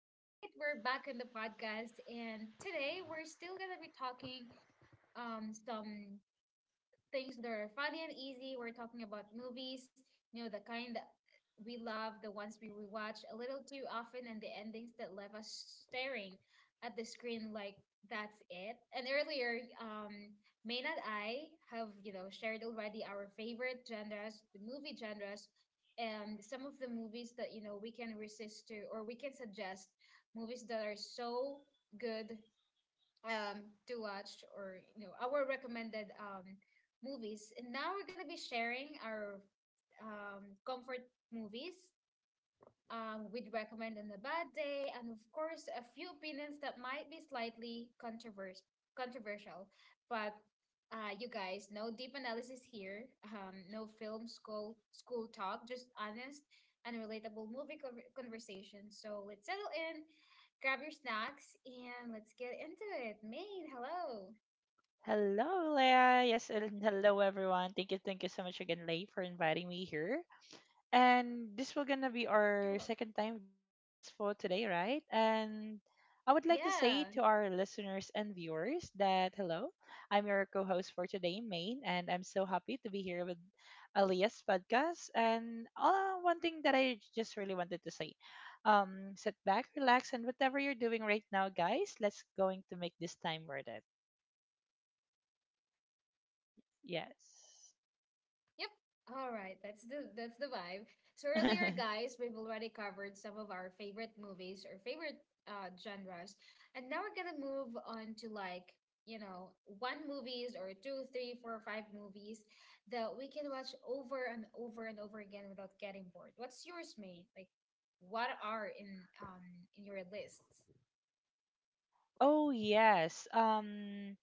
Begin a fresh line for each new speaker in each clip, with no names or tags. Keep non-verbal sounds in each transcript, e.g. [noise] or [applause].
All right, we're back in the podcast, and today we're still gonna be talking some things that are funny and easy. We're talking about movies, you know, the kind that we love, the ones we rewatch a little too often, and the endings that leave us staring at the screen like that's it. And earlier, Main and I have, you know, shared already our favorite genres, the movie genres, and some of the movies that, you know, we can resist to or we can suggest movies that are so good um, to watch or you know our recommended movies. And now we're gonna be sharing our comfort movies we'd recommend on a bad day, and of course, a few opinions that might be slightly controversial. But you guys, no deep analysis here, no film school talk, just honest and relatable movie conversation. So let's settle in, grab your snacks, and let's get into it. Maid, hello.
Hello, Leah. Yes, and hello, everyone. Thank you so much again, Leigh, for inviting me here. And this will gonna be
You're
our
welcome.
second time just for today, right? And I would like to say to
Yeah.
our listeners and viewers that hello, I'm your co-host for today, Maine, and I'm so happy to be here with Alias podcast. And one thing that I just really wanted to say, sit back, relax, and whatever you're doing right now, guys, let's going to make this time worth it. Yes.
Yep. All right. That's the vibe. So earlier,
[laughs]
guys, we've already covered some of our favorite movies or favorite genres. And now we're gonna move on to like, you know, one movies or two, three, four, five movies that we can watch over and over and over again without getting bored. What's yours, mate? Like what are in your lists?
Oh yes. Um,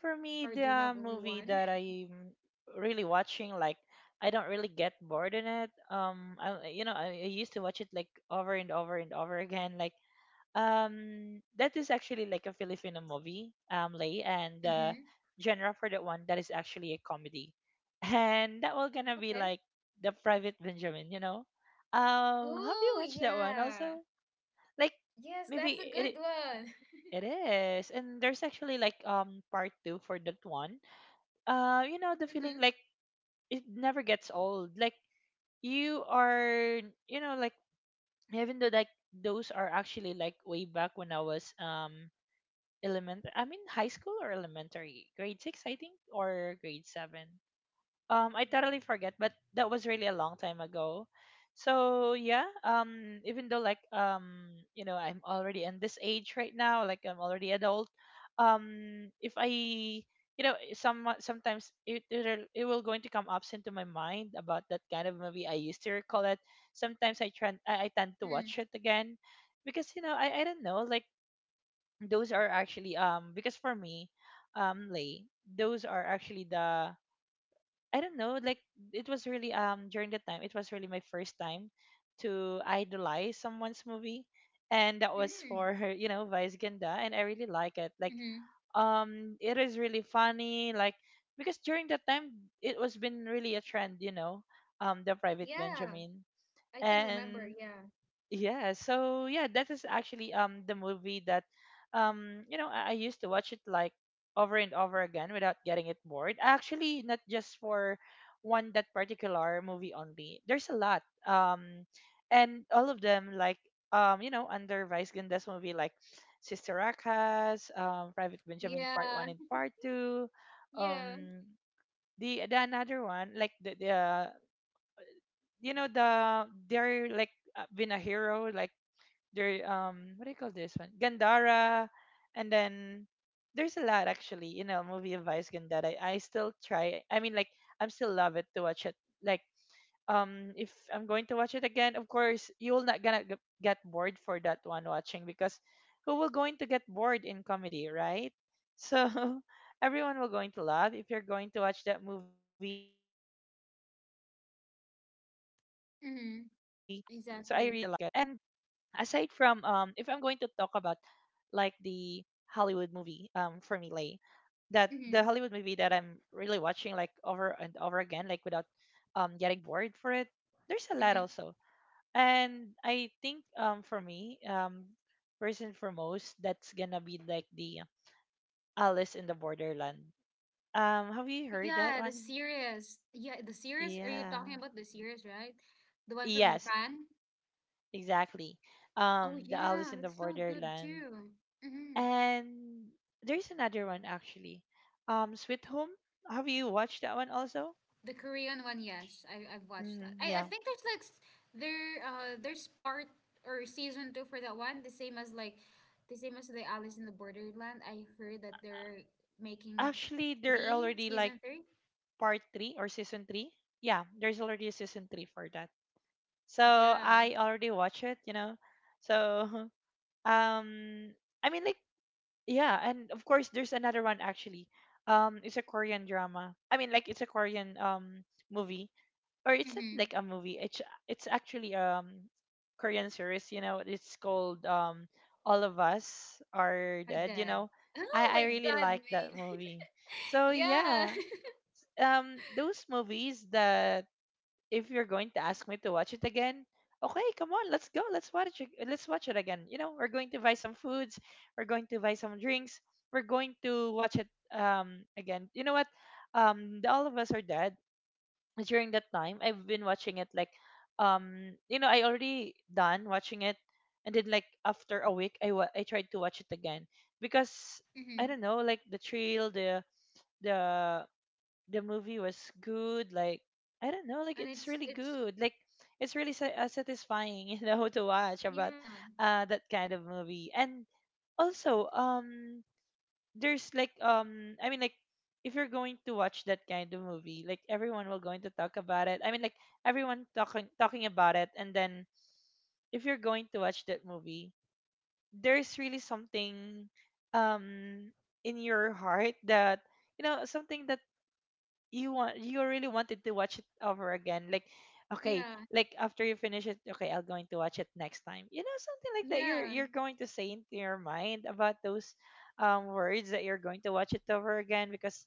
for me,
Or do you
the
have only
movie
one?
that
[laughs]
I'm really watching, like I don't really get bored in it. I, you know, I used to watch it like over and over and over again. That is actually like a Filipino movie, Lay, and
Mm-hmm.
genre for that one that is actually a comedy, [laughs] and that will gonna be
Okay.
like the Private Benjamin. Have you
Oh
watched that one
yeah.
also? Like,
Yes, that's
maybe
a good
it
one.
It is. And there's actually like part two for that one. You know, the feeling like
[laughs]
it never gets old. Like you are you know, like even though like those are actually like way back when I was element I mean high school or elementary. Grade 6 I think or grade 7. I totally forget, but that was really a long time ago. So yeah, even though like I'm already in this age right now, like I'm already adult. If I sometimes it will going to come ups into my mind about that kind of movie I used to recall it. Sometimes I tend to watch
Mm-hmm.
it again because I don't know like those are actually because for me lay those are actually the I don't know, like it was really during the time it was really my first time to idolize someone's movie and that was for
Mm,
her, you know, Vice Ganda and I really like it. Like
mm-hmm.
it is really funny like because during that time it was been really a trend, you know, the Private
Yeah,
Benjamin
I can
and
remember. Yeah.
yeah, so yeah, that is actually the movie that I used to watch it like over and over again without getting it bored. Actually, not just for one that particular movie only. There's a lot. And all of them like under Vice Ganda's movie like Sister Akas, Private Benjamin Part
Yeah.
1 and
[laughs]
Part 2,
Yeah.
um the another one like the you know the they're like been a hero like there what do you call this one gandara and then there's a lot actually you know movie of vice that I still try I mean like I'm still love it to watch it like if I'm going to watch it again of course you'll not gonna get bored for that one watching because who will going to get bored in comedy right so [laughs] everyone will going to love if you're going to watch that movie so I really like it and aside from
Mm-hmm.
if I'm going to talk
Exactly.
about like the Hollywood movie for me Lay, that the Hollywood movie that I'm
Mm-hmm.
really watching like over and over again like without getting bored for it there's a lot also
Mm-hmm.
and I think for me first and foremost that's gonna be like the Alice in the Borderland have you heard that
Yeah, the
one
series. Yeah, the series. Are you
yeah
talking about the series, right? The one from
yes
Japan?
exactly
Oh,
the Alice
yeah,
in the
that's so good
Borderland.
too. Mm-hmm.
And there's another one actually. Sweet Home. Have you watched that one also?
The Korean one, yes, I've watched that.
Mm,
I
yeah.
think there's like there there's part or season two for that one, the same as like the same as the Alice in the Borderland. I heard that they're making
Actually, they're
three
already like
season three.
part three or season three. Yeah, there's already a season three for that. So
Yeah,
I already watch it, you know. So [laughs] um, I mean like yeah, and of course there's another one actually. It's a Korean drama. It's a Korean movie. Or it's not
mm-hmm.
like a movie. It's actually Korean series. You know, it's called All of Us Are
Are
Dead.
dead. [laughs] Oh
I
my
really
God, man.
like that movie.
[laughs]
So
Yeah.
yeah,
[laughs]
those movies that if you're going to ask me to watch it again, okay, come on, let's go, let's watch it again. You know, we're going to buy some foods, we're going to buy some drinks, we're going to watch it again. You know what? The All of Us Are Dead during that time I've been watching it like I already done watching it and then like after a week I tried to watch it again because I
Mm-hmm.
don't know like the trail the the movie was good like I don't know like
And
it's
it's
really
it's
good like it's really satisfying [laughs] you know to watch about
yeah,
that kind of movie and also there's like I mean like if you're going to watch that kind of movie, like everyone will going to talk about it. Everyone talking about it and then if you're going to watch that movie, there's really something um in your heart that you know something that you really wanted to watch it over again like okay
yeah,
like after you finish it okay I'm going to watch it next time you know something like that you're
yeah,
you're going to say into your mind about those words that you're going to watch it over again because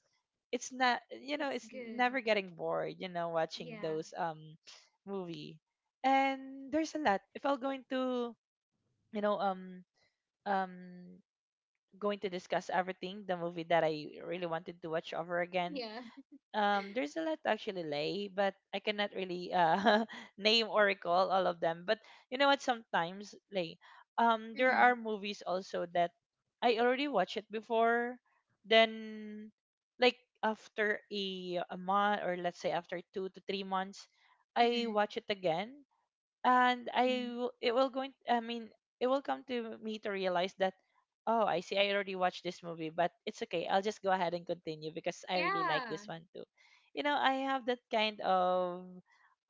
it's not you know
it's
it's
good.
never getting bored you know watching
Yeah,
those movie and there's a lot if I'm going to you know um um going to discuss everything the movie that I really wanted to watch over again
yeah,
there's a lot to actually lay but I cannot really [laughs] name or recall all of them but you know what sometimes lay there
mm-hmm.
are movies also that I already watched it before then like after a month or let's say after 2 to 3 months I
Mm-hmm.
watch it again and I
Mm-hmm.
w- it will going I mean it will come to me to realize that oh I see I already watched this movie but it's okay I'll just go ahead and continue because I really like
Yeah,
this one too. You know I have that kind of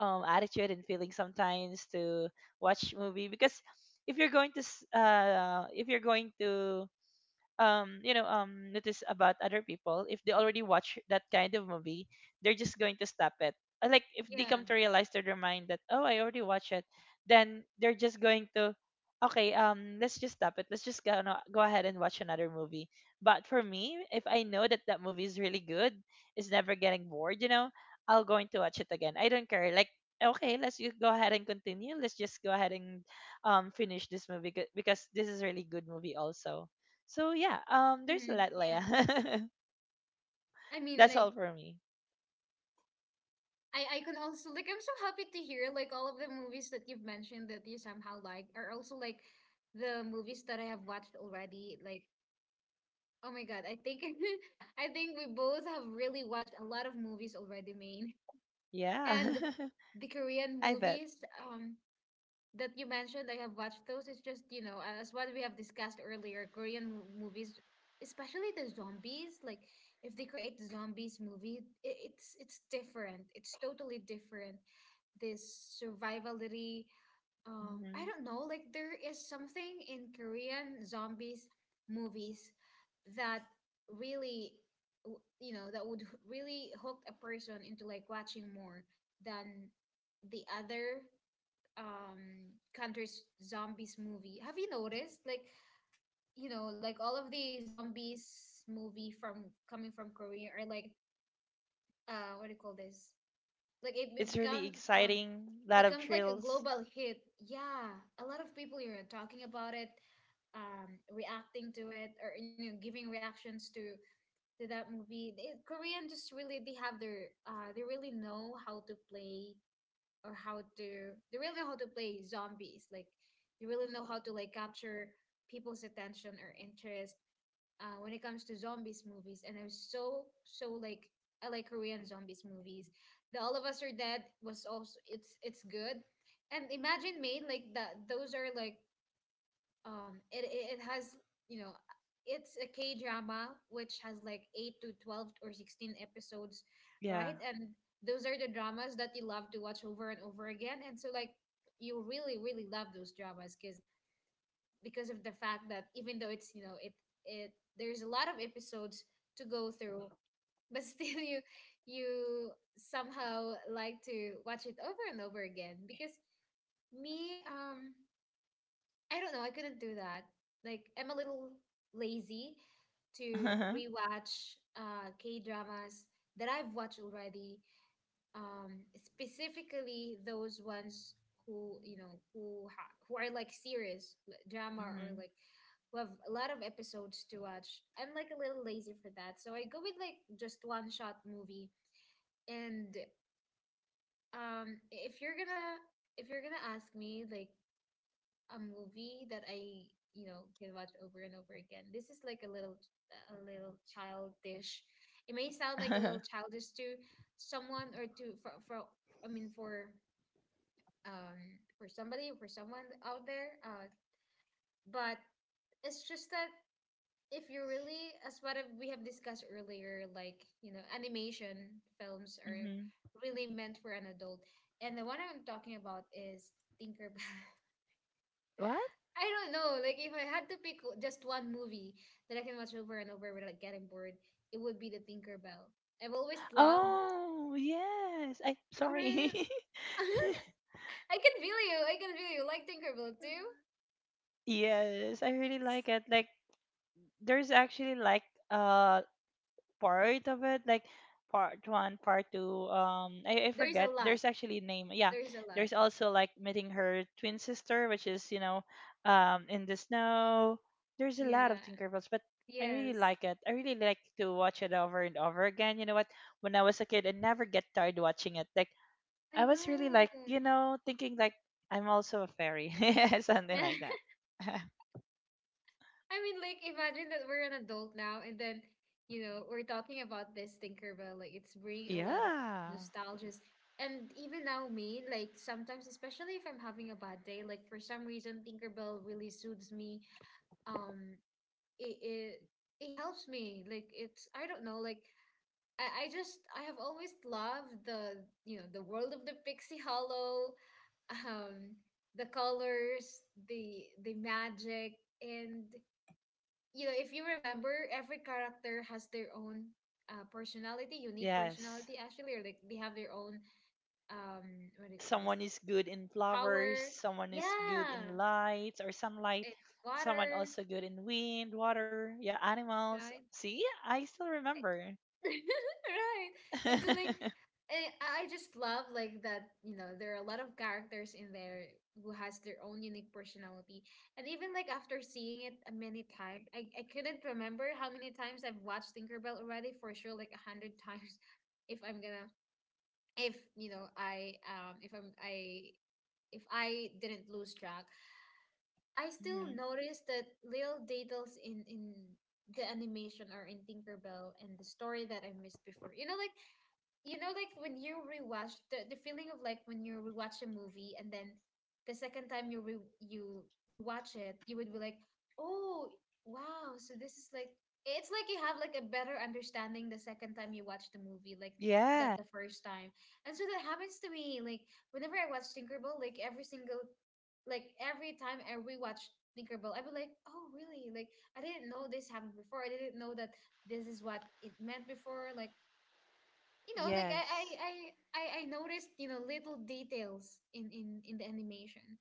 attitude and feeling sometimes to watch movie because if you're going to s- if you're going to you know notice about other people if they already watch that kind of movie they're just going to stop it. Like if they come
yeah,
to realize to their mind that oh I already watched it then they're just going to okay let's just stop it let's just go, no, go ahead and watch another movie but for me if I know that that movie is really good it's never getting bored you know I'll going to watch it again I don't care like okay let's you go ahead and continue let's just go ahead and finish this movie because this is really good movie also so yeah,
mm-hmm.
there's a lot,
Yeah.
Leia. [laughs]
I mean, like,
That's all for me.
I can also, like, I'm so happy to hear, like, all of the movies that you've mentioned that you somehow like are also, like, the movies that I have watched already. Like, oh my God, I think, [laughs] I think we both have really watched a lot of movies already, Maine.
Yeah,
And
[laughs]
the Korean
I bet.
movies, that you mentioned, I have watched those. It's just, you know, as what we have discussed earlier, movies, especially the zombies, like if they create the zombies movie, I it's different. It's totally different. This survivality,
Hmm.
I don't know, like there is something in Korean zombies movies that really you know that would really hook a person into like watching more than the other countries zombies movie. Have you noticed like you know like all of the zombies movie from coming from Korea are like what do you call this, like it
It's really
becomes
exciting. Lot of
becomes like a
thrills.
global hit. Yeah, a lot of people you're talking about it, reacting to it, or you know giving reactions to that movie. Korean just really they have their they really know how to play or how to they really know how to play zombies, like they really know how to like capture people's attention or interest when it comes to zombies movies. And I'm so so like I like Korean zombies movies. The All of Us Are Dead was also it's good. And imagine made like that those are like it it has you know it's a K drama which has like 8 to 12 or 16 episodes,
Yeah.
right? And those are the dramas that you love to watch over and over again. And so like you really really love those dramas because of the fact that even though it's you know it it there's a lot of episodes to go through, [laughs] but still you somehow like to watch it over and over again. Because me I don't know. I couldn't do that. Like, I'm a little lazy
[laughs]
to
Hmm.
rewatch K dramas that I've watched already. Specifically those ones who you know who are like serious like drama, or
Hmm.
like who have a lot of episodes to watch. I'm like a little lazy for that, so I go with like just one shot movie. And um, if you're gonna if you're gonna ask me like a movie that I, you know, can watch over and over again. This is like a little childish. It may sound like a little childish to someone or to for I mean for somebody or for someone out there. But it's just that if you really, as what I've- we have discussed earlier, like you know, animation films are
Hmm.
really meant for an adult. And the one I'm talking about is Tinkerbell. [laughs]
[laughs] What?
I don't know. Like if I had to pick just one movie that I can watch over and over without getting bored, it would be The Tinkerbell. I've always loved.
Oh yes. I sorry. [laughs]
[laughs] I can feel you. I can feel you. Like Tinkerbell too.
Yes, I really
It's,
like it. Like there's actually like uh part of it, like part one, part two. Um, I
there's a
forget.
lot.
There's actually name. Yeah,
There's a lot.
there's also like meeting her twin sister, which is you know, in the snow. There's a lot of
Yeah.
Tinkerbells, but I really
Yes.
like it. I really like to watch it over and over again. You know what? When I was a kid, I never get tired watching it. Like
I
I was really like
know.
you know thinking like I'm also a fairy, [laughs] something like
[laughs]
that. [laughs]
I mean, like, imagine that we're an adult now, and then, you know, we're talking about this Tinkerbell. Like, it's bringing a lot of
Yeah.
nostalgias. And even now, me, like, sometimes, especially if I'm having a bad day, like, for some reason, Tinkerbell really soothes me. Um, it, it, it helps me. Like, it's, I don't know, like, I just, I have always loved you know, the world of the Pixie Hollow, [laughs] um, the colors, the magic, and you know, if you remember, every character has their own personality, unique
Yes.
personality, actually, or like they have their own, what do you call this?
Someone is good in flowers,
Power.
someone is good
Yeah.
in lights or sunlight,
And
someone
water,
also good in wind, water, yeah, animals.
right?
See, I still remember.
[laughs] Right. And so like
[laughs]
I just love like that, you know, there are a lot of characters in there who has their own unique personality. And even like after seeing it a many times, I couldn't remember how many times I've watched Tinkerbell already, for sure like a hundred times. [laughs] If I'm gonna if you know I if I'm I if I didn't lose track. I still
Mhm.
noticed that little details in the animation or in Tinkerbell and the story that I missed before. You know like when you rewatch the feeling of like when you rewatch a movie and then the second time you you watch it you would be like oh wow so this is like it's like you have like a better understanding the second time you watch the movie, like than
Yeah,
the first time. And so that happens to me like whenever I watch Tinkerbell, like every single like every time I rewatch Tinkerbell I'd be like oh really like I didn't know this happened before, I didn't know that this is what it meant before, like you know like
yes.
I noticed you know little details in the animation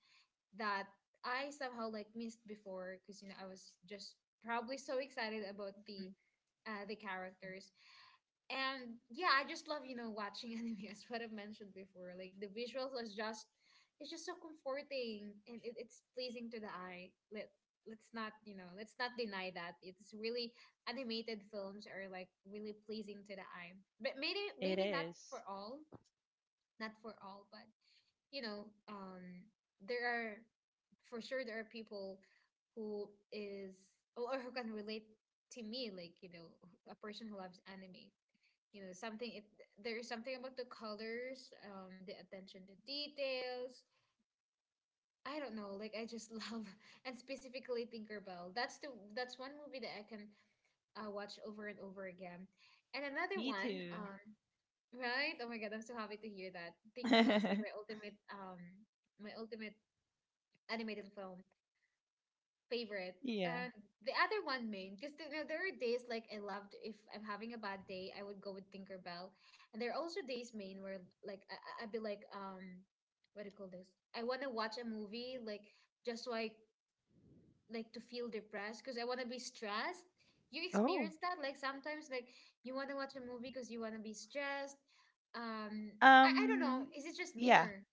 that I somehow like missed before because you know I was just probably so excited
Mhm.
about the characters. And yeah I just love you know watching [laughs] anime, as what I've mentioned before, like the visuals are just it's just so comforting and it, it's pleasing to the eye. Let's not you know let's not deny that it's really animated films are like really pleasing to the eye, but maybe
It
maybe not for
is.
all, not for all. But you know there are, for sure there are people who is or who can relate to me, like you know a person who loves anime, you know something it there is something about the colors, the attention to details. I don't know, like I just love. [laughs] And specifically Tinkerbell, that's the that's one movie that I can watch over and over again. And another
Me
one,
too.
right, oh my God, I'm so happy to hear that Tinkerbell is like
[laughs]
my ultimate animated film favorite.
Yeah.
And the other one main, because you know, there are days like I loved if I'm having a bad day, I would go with Tinkerbell. And there are also days main where like I, I'd be like, what do you call this? I want to watch a movie like just so I like to feel depressed because I want to be stressed. You
Oh.
experience that? Like sometimes like you want to watch a movie because you want to be stressed. Um, I don't know.
Um.
Is it just me
Yeah.
or?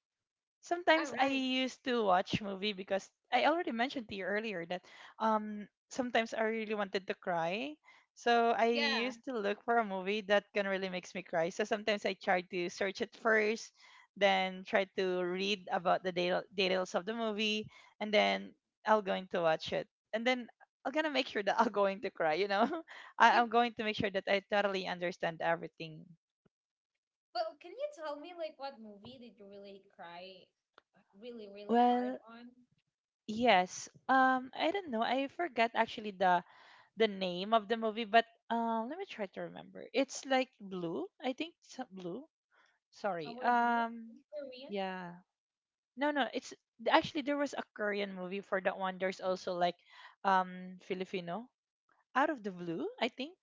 Sometimes
Oh,
I
right.
used to watch movie because I already mentioned to you earlier that sometimes I really wanted to cry. So I
Yeah.
used to look for a movie that can really makes me cry. So sometimes I try to search it first, then try to read about the details of the movie, and then I'll going to watch it. And then I'm gonna make sure that I'm going to cry. You know, [laughs]
You
I'm going to make sure that I totally understand everything.
But can you tell me like what movie did you really cry really, really hard
Well,
on?
yes. I don't know. I forgot actually the name of the movie, but let me try to remember. It's like Blue, I think. It's not Blue. Sorry.
Our Blue? It's Korean? I
Yeah. No, no. It's actually there was a Korean movie for that one. There's also like Filipino Out of the Blue, I think.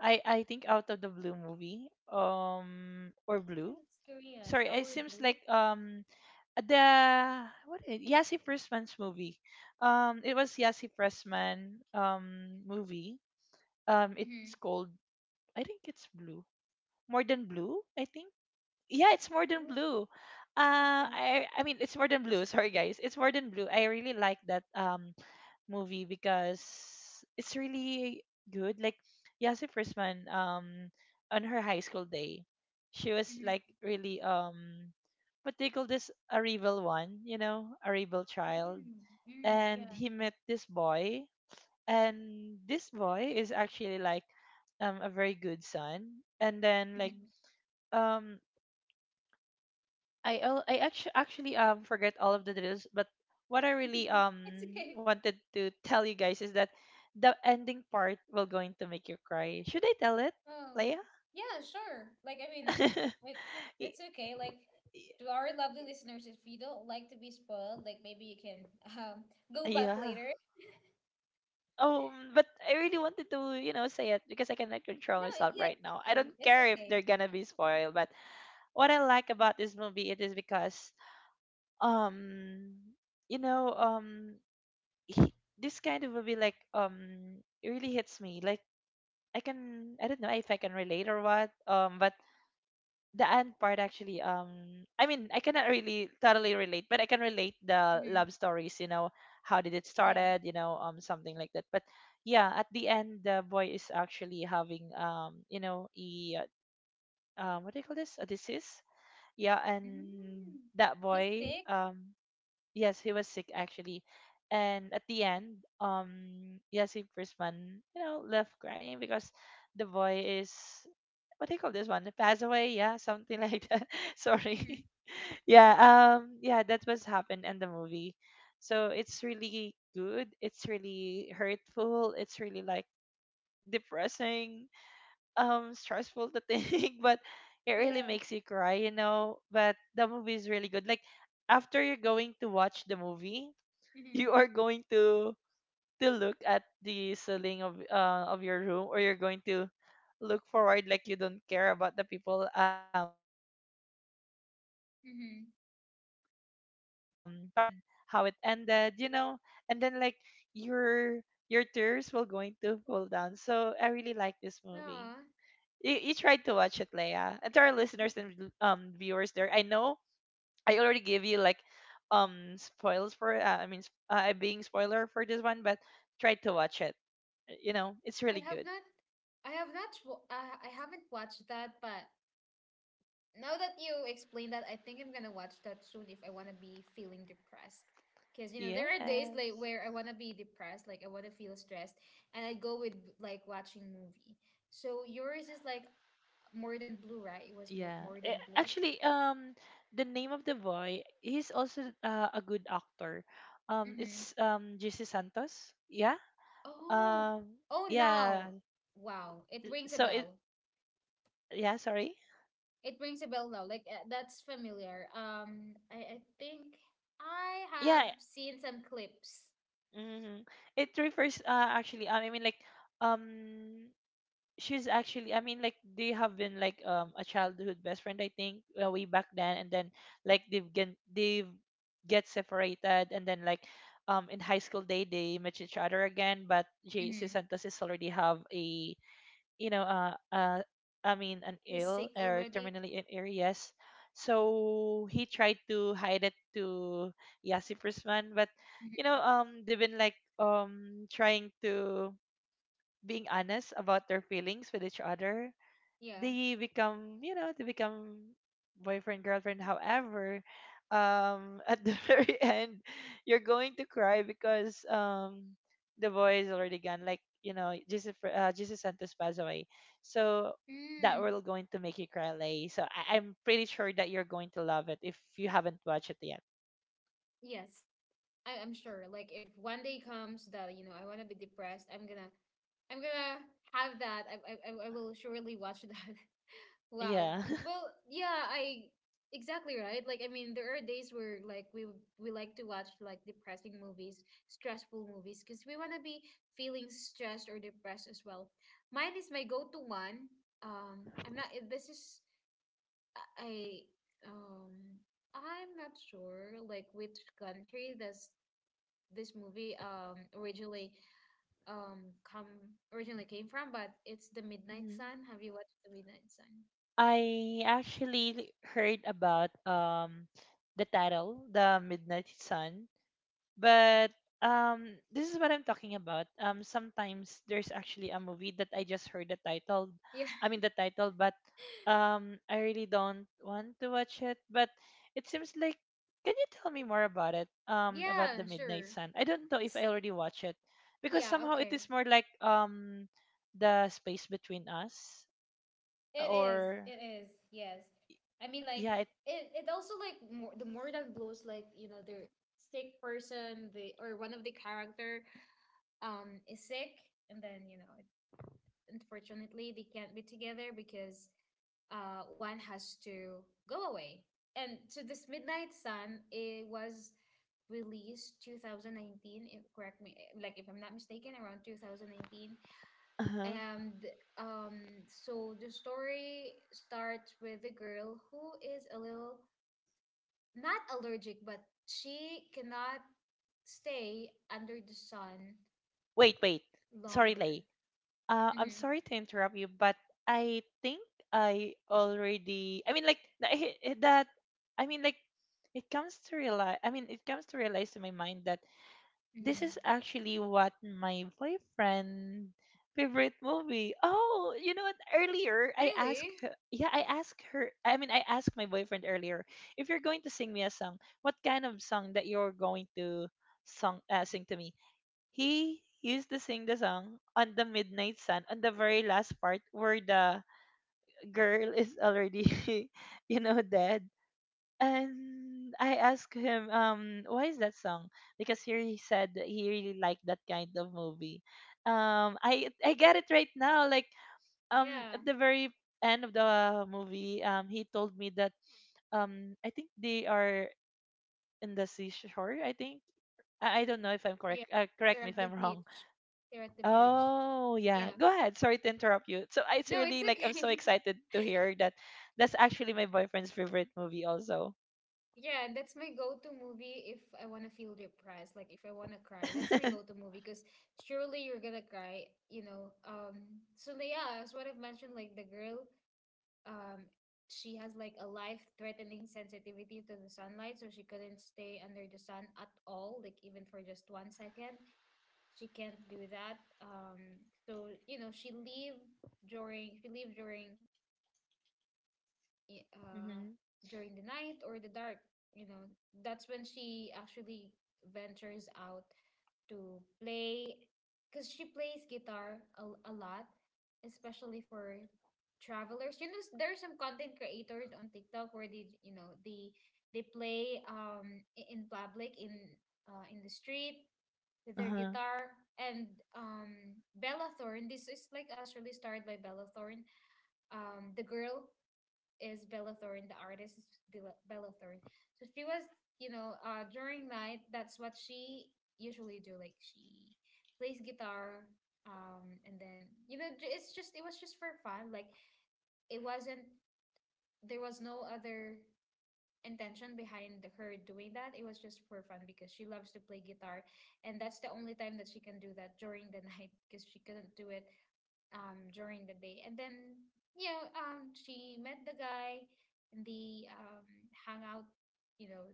I think Out of the Blue movie. Or Blue.
think It's Korean?
Sorry, it
Our
seems
Blue?
like the what is Yasi Pressman's movie. It was Yasi Pressman movie,
Mm-hmm.
it's called, I think it's blue. More than blue, I think. Yeah, it's more than
Oh,
blue. Uh,
okay.
I I mean it's more than blue. [laughs] Sorry guys, it's more than blue. I really like that movie because it's really good. Like Yasi Frisman, on her high school day, she was
Mm,
like really, what they call this, a rebel one, you know, a rebel child,
mm,
and
yeah.
he met this boy, and this boy is actually like a very good son. And then like,
[laughs]
um I actually forget all of the details, but what I really
Mm-hmm. It's okay.
wanted to tell you guys is that the ending part will going to make you cry. Should I tell it,
Um,
Leia?
yeah, sure. Like, I mean,
[laughs]
it
Y-
it's okay. Like,
y-
to our lovely listeners, if you don't like to be spoiled, like maybe you can um go back
yeah
later.
Oh, but I really wanted to, say it because I cannot control
No,
myself
yeah,
right
it's
now. I
okay.
don't
It's
care if
okay.
they're gonna be spoiled, but what I like about this movie, it is because, um you know um he, this kind of movie, like, it really hits me, like, I don't know if I can relate or what, but the end part, actually, I mean, I cannot really totally relate, but I can relate the love
Mm-hmm.
stories, you know, how did it
Yeah.
started, you know, something like that, but yeah, at the end, the boy is actually having, a, what do you call this, a disease. Yeah, and
Mm.
that
He's
boy,
sick?
yes, he was sick actually. And at the end, Yassi Prisman, you know, left crying because the boy is, what do you call this one? Pass away. Yeah, [laughs] something like that. [laughs]
Hmm.
Sorry. [laughs] Yeah, yeah, that was happened in the movie. So it's really good. It's really hurtful. It's really like depressing, stressful to think, [laughs] but it really
Yeah.
makes you cry, you know. But the movie is really good. Like, after you're going to watch the movie, you
Hmm.
are going to look at the ceiling of, of your room, or you're going to look forward, like, you don't care about the people passing you, and you're just going to think,
Hmm.
about the movie, how it started, how it ended, you know. And then, like, your your tears will going to fall down, so I really like this movie.
Ah,
You tried to watch it, Leia, and to our listeners and viewers there, I know I already gave you like, spoils for, I mean, being spoiler for this one, but try to watch it. You know, it's
I
really
have
good.
not, I have not, I haven't watched that, but now that you explain that, I think I'm gonna watch that soon if I wanna be feeling depressed. Because you know there are days like
Yes.
where I wanna be depressed, like I wanna feel stressed, and I go with like watching movie. So yours is like more than blue, right? It was
Yeah.
more
A-
than blue.
Actually, um the name of the boy, he's also, a good actor.
Mm-hmm.
It's JC Santos. Yeah.
Oh,
Um
oh,
yeah.
now, wow, it rings a
So it,
bell.
yeah, sorry.
It rings a bell now. Like that's familiar. I think I have
Yeah.
seen some clips.
Hmm. It refers, actually, I mean, like, um she's actually, I mean, like, they have been like a childhood best friend, I think, way back then, and then like they've get separated, and then, like, in high school, they met each other again, but JC
Mm-hmm.
Santos is already have a, you know, I mean, an
He's
ill,
sick
or
already.
terminally ill, yes. So he tried to hide it to Yasi Prisman, but you
Mhm.
know, they've been like, trying to being honest about their feelings with each other.
Yeah.
They become boyfriend, girlfriend. However, at the [laughs] very end, you're going to cry because, the boy is already gone. Like, you know, Jesus Santos passed away. So that
Mm.
will going to make you cry, Lay. So I'm pretty sure that you're going to love it if you haven't watched it yet.
Yes, I'm sure. Like if one day comes that you know I want to be depressed, I'm gonna have that. I will surely watch that. [laughs] Wow.
Yeah. [laughs]
Well, yeah, I exactly right. Like I mean, there are days where like we like to watch like depressing movies, stressful movies because we want to be feeling stressed or depressed as well. Mine is my go-to one. Um, I I, I'm not sure like which country this movie originally come originally came from, but it's The Midnight
Mhm.
Sun. Have you watched The Midnight Sun? [laughs]
I actually heard about the title, The Midnight Sun, but this is what I'm talking about. Sometimes there's actually a movie that I just heard the title.
Yeah.
I mean the title, but I really don't want to watch it, but it seems like, can you tell me more about it? About
Yeah,
The Midnight
sure.
Sun. I don't know if I
S-
already watched it because
Yeah,
somehow it
okay.
is more like, the space between us,
It is.
or
It is. Yes. I mean,
yeah, it.
It also like more, the Moreland Blues. Like you know, the sick person, the or one of the character, is sick, and then you know, unfortunately, they can't be together because one has to go away. And so this Midnight Sun, it was released 2019. If, correct me, eh, like if I'm not mistaken, around 2019.
Uh-huh.
And um, so the story starts with a girl who is a little, not allergic, but she cannot stay under the sun
Wait, wait. Sorry,
longer.
Lay. I'm
Mm-hmm,
sorry to interrupt you, but I think I already. I mean, like, that. I mean, like, it comes to realize. I mean, it comes to realize to my mind that this
mm-hmm.
is actually what my boyfriend favorite movie. Oh, you know what? Earlier, I asked
Really?
yeah, I asked her. I mean, I asked my boyfriend earlier, if you're going to sing me a song. What kind of song that you're going to song sing to me? He used to sing the song on The Midnight Sun, on the very last part where the girl is already, [laughs] you know, dead. And I asked him, why is that song? Because here he said that he really liked that kind of movie. I get it right now. Like,
Yeah,
at the very end of the movie, he told me that, I think they are in the seashore. I think, I don't know if I'm
yeah.
correct. Correct
They're
me if
at the
I'm wrong.
beach. They're at the beach.
Oh, yeah.
Yeah.
Go ahead. Sorry to interrupt you. So it's
No,
really
it's
like, I'm so
okay.
excited to hear
[laughs]
that that's actually my boyfriend's favorite movie also.
Yeah, that's my go-to movie if I want to feel depressed, like if I want to cry. That's my go-to
[laughs]
movie because surely you're gonna cry, you know. So yeah, as what I've mentioned, like the girl, um, she has like a life-threatening sensitivity to the sunlight, so she couldn't stay under the sun at all, like even for just 1 second. She can't do that. So you know, she leave during I-
Mm-hmm.
during the night or the dark, you know, that's when she actually ventures out to play because she plays guitar a lot, especially for travelers. You know, there are some content creators on TikTok where they, you know, they play in public in the street with their
Uh-huh.
guitar. And Bella Thorne, this is like actually starred by Bella Thorne, the girl is Bella Thorne. The artist is Bella Thorne. So she was, you know, during night, that's what she usually do. Like she plays guitar, and then you know, it was just for fun. Like it wasn't there was no other intention behind her doing that. It was just for fun because she loves to play guitar, and that's the only time that she can do that during the [laughs] night because she couldn't do it during the day. And then yeah, she met the guy, and they hung out, you know,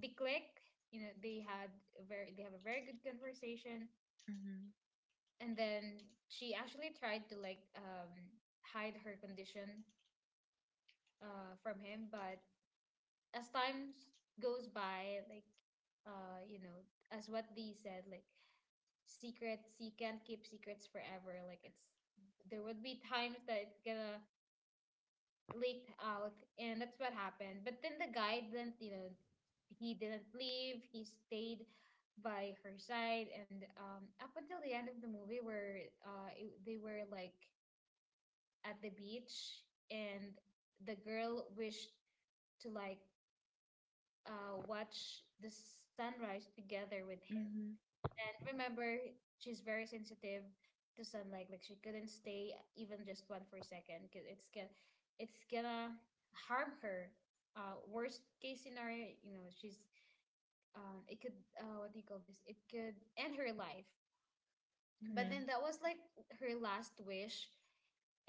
they clicked. You know, they have a very good conversation,
Mm-hmm.
and then she actually tried to like hide her condition from him. But as time goes by, like you know, as what they said, like secrets, you can't keep secrets forever. Like it's there would be times that it's gonna leaked out, and that's what happened. But then the guy didn't, you know, he didn't leave. He stayed by her side, and up until the end of the movie, where they were like at the beach, and the girl wished to like watch the sunrise together with him.
Mm-hmm.
And remember, she's very sensitive to sunlight. Like she couldn't stay even just one for a second because it's gonna harm her. Worst case scenario, you know, she's it could what do you call this? It could end her life. But
Mm-hmm.
then that was like her last wish.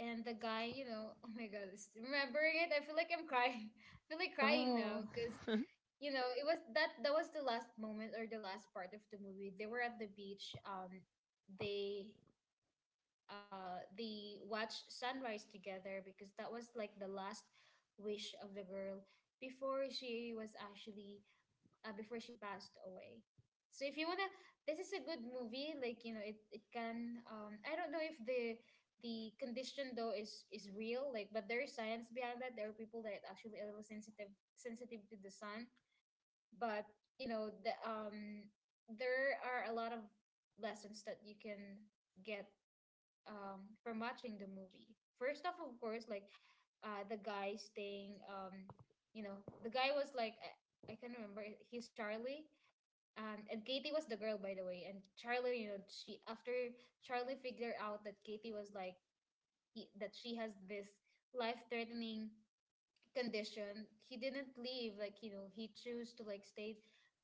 And the guy, you know, [laughs] oh my God, this- remembering it, I feel like I'm crying. [laughs] I feel like crying
Oh.
now because
[laughs]
you know it was that that was the last moment or the last part of the movie. They were at the beach. They they watched sunrise together because that was like the last wish of the girl before she was actually before she passed away. So if you wanna, this is a good movie. Like you know, it can I don't know if the condition though is real, like, but there is science behind that. There are people that actually a little sensitive to the sun. But you know, there are a lot of lessons that you can get from watching the movie. First off, of course, like the guy staying, you know, the guy was like, I can't remember, he's Charlie, and Katie was the girl, by the way. And Charlie, you know, she after Charlie figured out that Katie was like that she has this life-threatening condition, he didn't leave. Like you know, he chose to like stay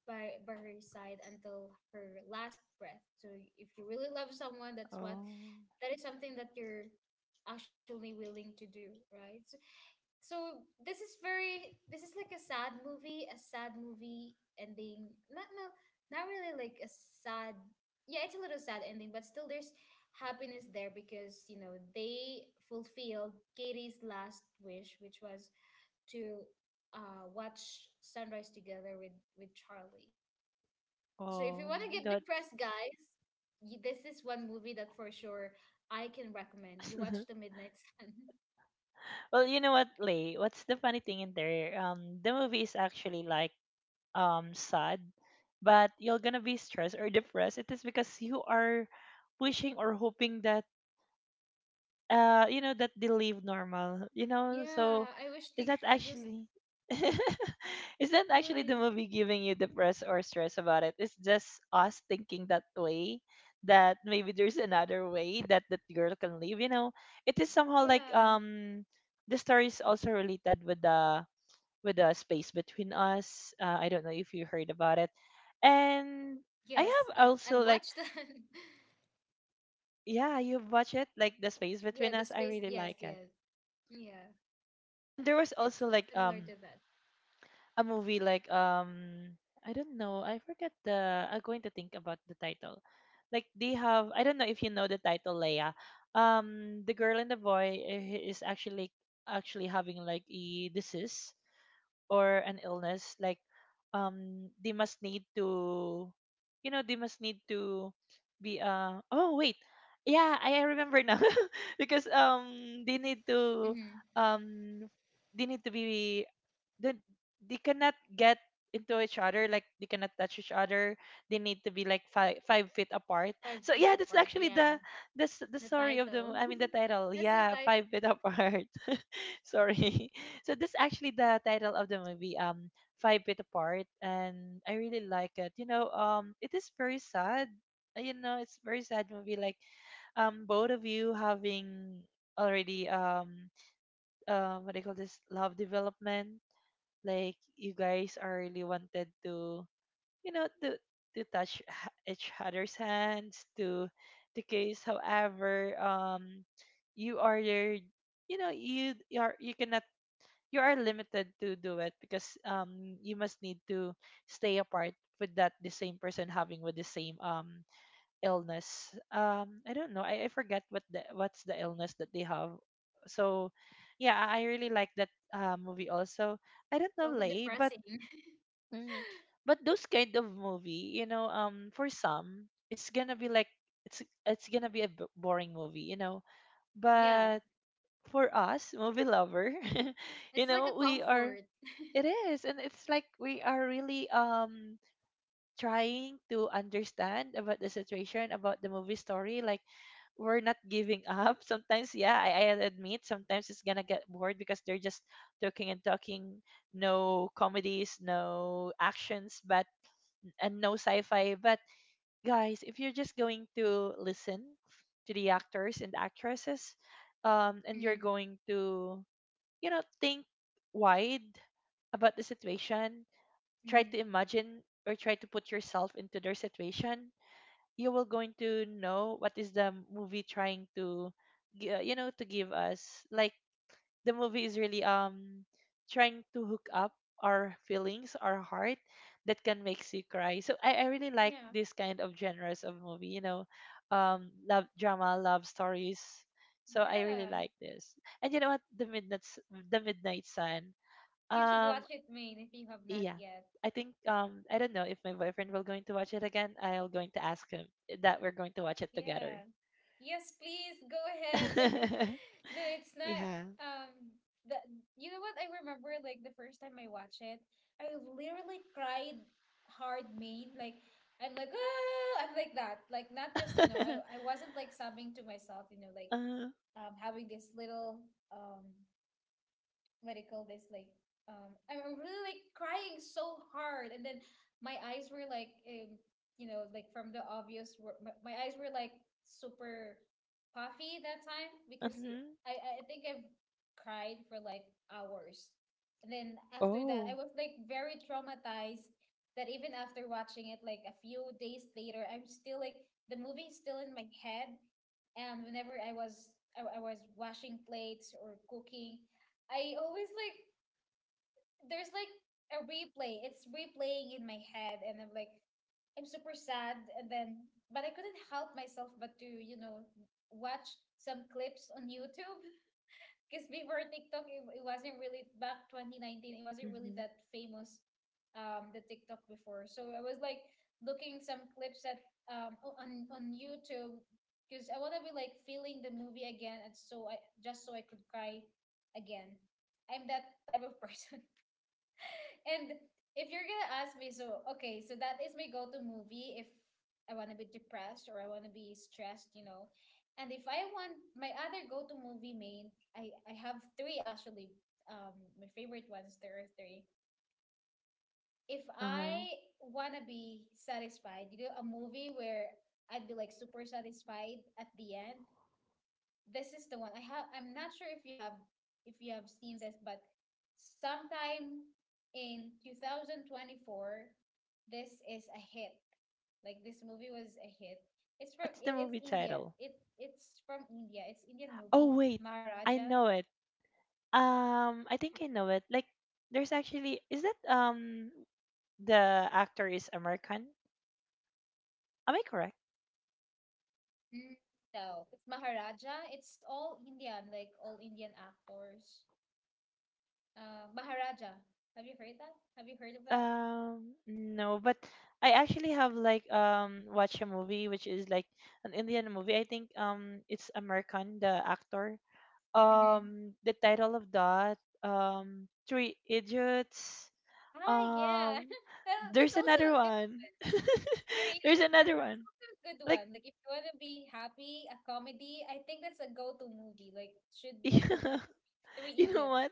by her side until her last breath. So if you really love someone,
Oh.
that is something that you're actually willing to do, right? So this is very this is like a sad movie, a sad movie ending, not really like a sad, yeah, it's a little sad ending, but still there's happiness there because you know they fulfilled Katie's last wish, which was to watch sunrise together with Charlie. So if you
Oh.
want to get
That.
depressed, guys, y this is one movie that for sure I can recommend. You watch The
[laughs]
Midnight Sun. [laughs]
Well, you know what, Lay? What's the funny thing in there? The movie is actually like, sad, but you're gonna be stressed or depressed. It is because you are wishing or hoping that, that they live normal, you know. So
Yeah, I wish
is
they
that
could just
actually, [laughs] is that actually
right.
the movie giving you depressed or stress about it? It's just us thinking that way, that maybe there's another way that that girl can live, you know. It is somehow like,
Yeah.
the story is also related with the space between us. I don't know if you heard about it, and I
Yes,
have also
I've
like,
watched that. [laughs]
yeah, you've watched it, like The Space Between
Yeah, the
Us, I
space.
really
Yes,
like it.
yes, yeah.
There was
It's
also like,
similar to that.
a movie, like, I don't know, I forget the I'm going to think about the title. Like, they have, I don't know if you know the title, Leia. The girl and the boy, he is actually like, actually having like a disease, or an illness, like, they must need to, you know they must need to be uh oh wait, yeah, I remember now. [laughs] Because, they need to,
Hmm.
um they need to be the, they cannot get into each other, like, they cannot touch each other. They need to be like five feet apart.
Five
So
feet
yeah, that's
apart.
actually
Yeah,
the
the
story of the
title.
I mean the title,
[laughs] That's the
yeah,
title.
5 feet, [laughs] apart. [laughs] Sorry. So that's actually the title of the movie, 5 feet apart, and I really like it, you know, it is very sad. You know, it's very sad movie, like, both of you having already, what do you call this, love development, like, you guys are really wanted to, you know, to touch each other's hands, to kiss. However, you are your you know you, you are you cannot you are limited to do it because, you must need to stay apart with that, the same person having with the same, illness. I don't know, I forget what's the illness that they have. So yeah, I really like that, movie also. I don't
It's
know,
also
Lay, but.
depressing. [laughs]
Hmm. But those kind of movie, you know, for some, it's gonna be like, it's it's gonna be a boring movie, you know.
Yeah,
But for us, movie lover, [laughs] you
it's like a
know, we are,
comfort.
it is, and it's like we are really, trying to understand about the situation, about the movie story. Like, we're not giving [laughs] up. Sometimes, yeah, I admit, sometimes it's gonna get bored because they're just talking and talking, no comedies, no actions, but and no sci-fi. But guys, if you're just going to listen to the actors and actresses, and you're
Mm,
going to, think wide about the situation, try to
mm-hmm.
imagine or try to put yourself into their situation, you will going to know what is the movie trying to, to give us. Like the movie is really trying to hook up our feelings, our heart that can makes you cry. So I really like
Yeah,
this kind of genres of movie, love drama, love stories. So I really
yeah.
like this. And you know what? The midnight sun.
You should
Um
watch it, Maine, if you have not
yeah.
yet.
I think I don't know if my boyfriend will going to watch it again. I'll going to ask him that we're going to watch it together.
Yeah. Yes, please go ahead. [laughs] Like,
[laughs]
no, it's not.
Yeah.
Um, the you know what I remember like the first time I watched it, I literally cried hard, Maine. Like, I'm like, oh, I'm like that. Like, not just you know,
[laughs]
I wasn't like sobbing to myself, you know, like
uh,
having this little um what do you call this, like, I'm really like crying so hard. And then my eyes were like you know, like from the obvious my eyes were like super puffy that time because
uh-huh.
I think I've cried for like hours, and then after that I
Oh.
was like very traumatized that even after watching it like a few days later, I'm still like the movie is still in my head. And whenever I was washing plates or cooking, I always like there's like a replay. It's replaying in my head, and I'm like, I'm super sad, and then but I couldn't help myself but to you know watch some clips on YouTube because before TikTok, it wasn't really back 2019. It wasn't really
Mm-hmm.
that famous, the TikTok before. So I was like looking some clips at on YouTube because I want to be like feeling the movie again, and so I just so I could cry again. I'm that type of [laughs] person. And if you're gonna ask me, so okay, so that is my go-to movie if I wanna be depressed or I wanna be stressed, you know. And if I want my other go-to movie, main, I have three actually. My favorite ones, there are three. If
Uh-huh.
I wanna be satisfied, you know, a movie where I'd be like super satisfied at the end. This is the one I have. I'm not sure if you have seen this, but sometime in 2024, this is a hit. Like this movie was a hit. It's from
What's the
it's
movie
India.
title?
It's from India. It's Indian movie
Oh wait, I
Maharaja.
know it. I think I know it. Like, there's actually is that the actor is American? Am I correct?
Mm. No, it's Maharaja. It's all Indian, like all Indian actors. Maharaja. Have you heard that? Have you heard of that?
No, but I actually have like watched a movie which is like an Indian movie. I think it's American the actor.
Mm-hmm.
The title of that Three Idiots.
Ah, yeah.
um
[laughs] That's
there's another
also a good.
one. [laughs]
There it
There's
is, and
another
that's
one
also a good
like,
one. Like if you want to be happy, a comedy, I think that's a go-to movie. Like
[laughs]
should be a
you
go-to movie. Three
know
Idiots.
what?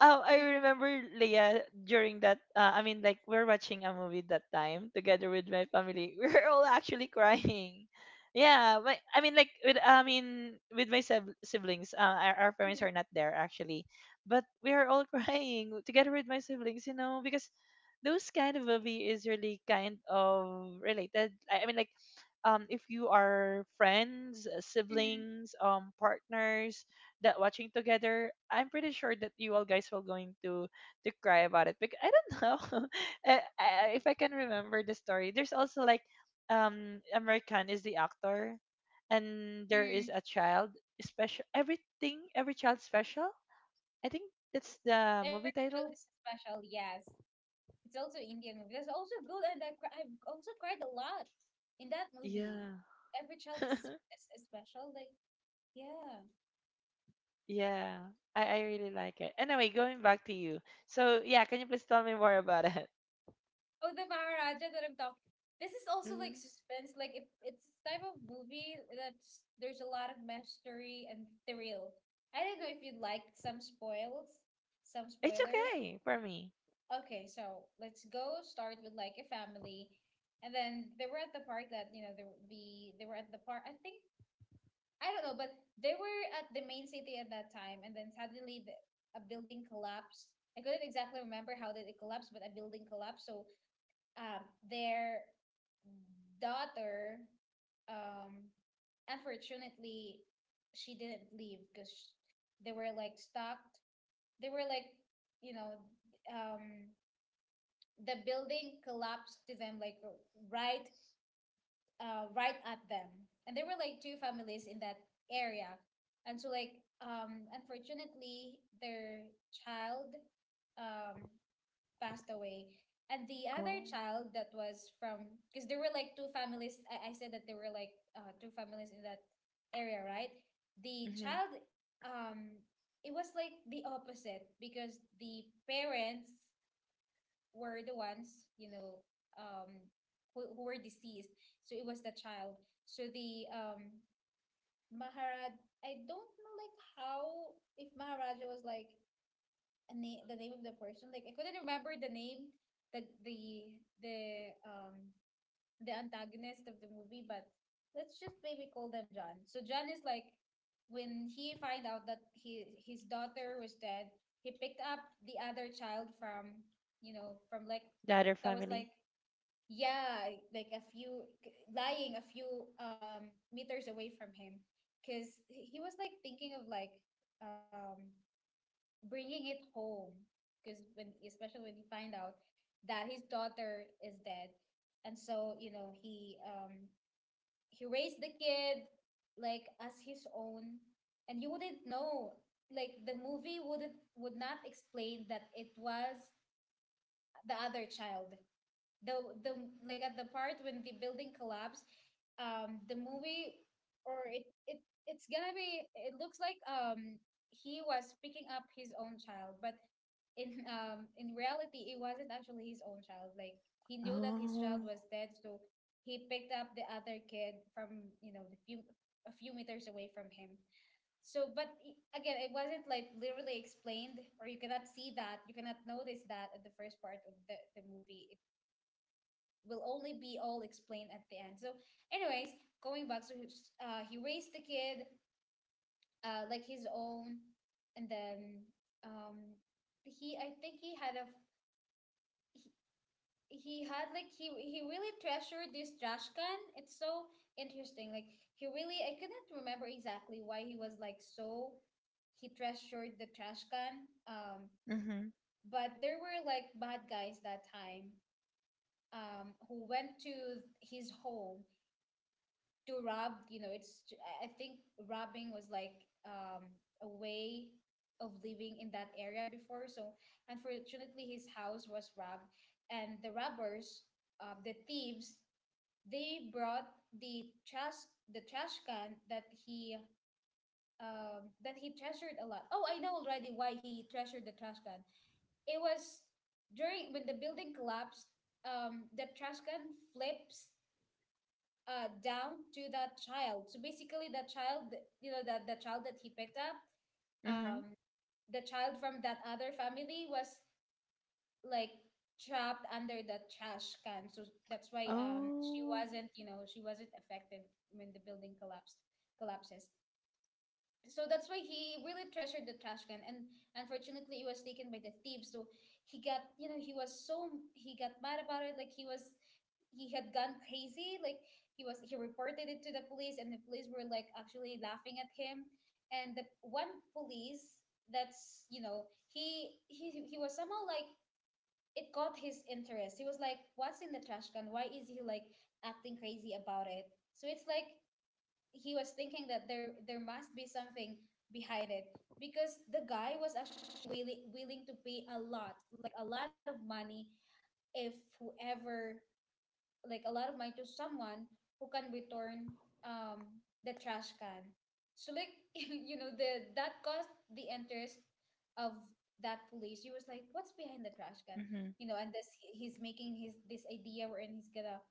Mhm,
I remember Leia during that. I mean, like we're watching a movie that time together with my family. [laughs] We are all actually crying. Yeah, I mean, like with I mean with my siblings. Our parents
mhm,
are not there actually, but we are all [laughs] crying together with my siblings. You know, because those kind of movie is really kind of related. I mean, like if you are friends,
mhm,
siblings, partners, that watching together, I'm pretty sure that you all guys will going to cry about it because I don't know, [laughs] I, I, if I can remember the story. There's also like American is the actor, and there is
mm.
a child special. Everything, every child special. I think that's the
Every
movie
child
title.
is special. Yes, it's also Indian movie. That's also good, and I've also cried a lot in that movie.
Yeah.
Every child is,
[laughs]
is, is special. Like yeah,
Yeah. I really like it. Anyway, going back to you. So yeah, can you please tell me more about it?
oh, the Maharaja that I'm talking. This is
[laughs]
also
Hmm.
like suspense. Like it's this type of movie that's there's a lot of mystery and thrill. I don't know if you'd like some
It's
spoilers.
okay for me.
Okay, so let's go start with like a family, and then they were at the park that they were at the park. I think I don't know, but they were at the main city at that time, and then suddenly a building collapsed. I couldn't exactly remember how did it collapse, but a building collapsed. So um, their daughter, um, unfortunately, she didn't leave because they were like stuck. They were like, you know, um, the building collapsed to them, like right, right at them, and there were like two families in that area, and so like, unfortunately, their child, um, passed away. And the
Oh.
other child that was from, because there were like two families. I said that there were like two families in that area, right? The child, um, it was like the opposite because the parents were the ones, um, who were deceased. So it was the child. So the Maharaj, I don't know like how, if Maharaja was like a name the name of the person. Like I couldn't remember the name, the the the um the antagonist of the movie, but let's just maybe call them John. So John is like when he find out that he his daughter was dead, he picked up the other child from from like
The other
that was
family.
like yeah like a few lying a few meters away from him because he was like thinking of like um bringing it home because when especially when you find out that his daughter is dead, and so he raised the kid like as his own. And you wouldn't know, like the movie would not explain that it was the other child, the the like at the part when the building collapsed, the movie, or it's gonna be, it looks like he was picking up his own child, but in [laughs] in reality it wasn't actually his own child. Like he knew that his
Oh.
child was dead, so he picked up the other kid from the few a few meters away from him. So but again, it wasn't like literally explained, or you cannot see that, you cannot notice that at the first part of the movie. It will only be all explained at the end. So anyways, going back, so he raised the kid like his own. And then um, he I think he had a, he had like, he really treasured this trash can. It's so interesting. Like he really I couldn't remember exactly why he was like so he treasured the trash can.
Mm-hmm.
But there were like bad guys that time, who went to his home to rob. It's I think robbing was like a way of living in that area before. So unfortunately, his house was robbed, and the thieves, they brought the trash the trash can that he treasured a lot. Oh, I know already why he treasured the trash can. It was during when the building collapsed. The trash can flips down to that child. So basically, that child, you know, that the child that he picked up,
Mm-hmm.
um, the child from that other family was like trapped under the trash can. So that's why
Oh.
she wasn't affected when the building collapsed collapses. So that's why he really treasured the trash can, and unfortunately it was taken by the thieves. So he got, he was so he got mad about it. Like he had gone crazy. Like he reported it to the police, and the police were like actually laughing at him, and the one police that's he was somehow like it caught his interest. He was like, "What's in the trash can? Why is he like acting crazy about it?" So it's like he was thinking that there must be something behind it, because the guy was actually willing to pay a lot, like a lot of money, if whoever, like a lot of money to someone who can return the trash can. So like [laughs] you know the that caused the interest of that police. He was like, what's behind the trash can,
Mm-hmm.
and this he's making his, this idea wherein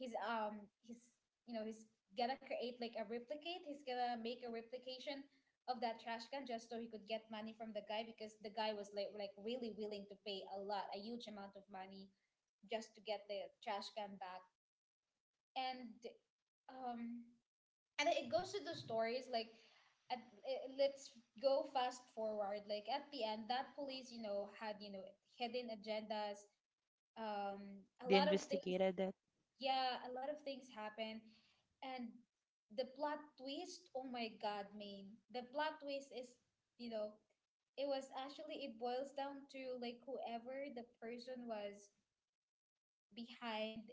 he's um he's he's gonna create like a replicate he's gonna make a replication of that trash can, just so he could get money from the guy, because the guy was like really willing to pay a huge amount of money just to get the trash can back. And um and it goes to the stories like at, let's go fast forward. Like at the end, that police, had, hidden agendas, a
They
lot of things.
investigated that.
Yeah, a lot of things happened, and the plot twist oh my god man, the plot twist is, you know it was actually it boils down to like whoever the person was behind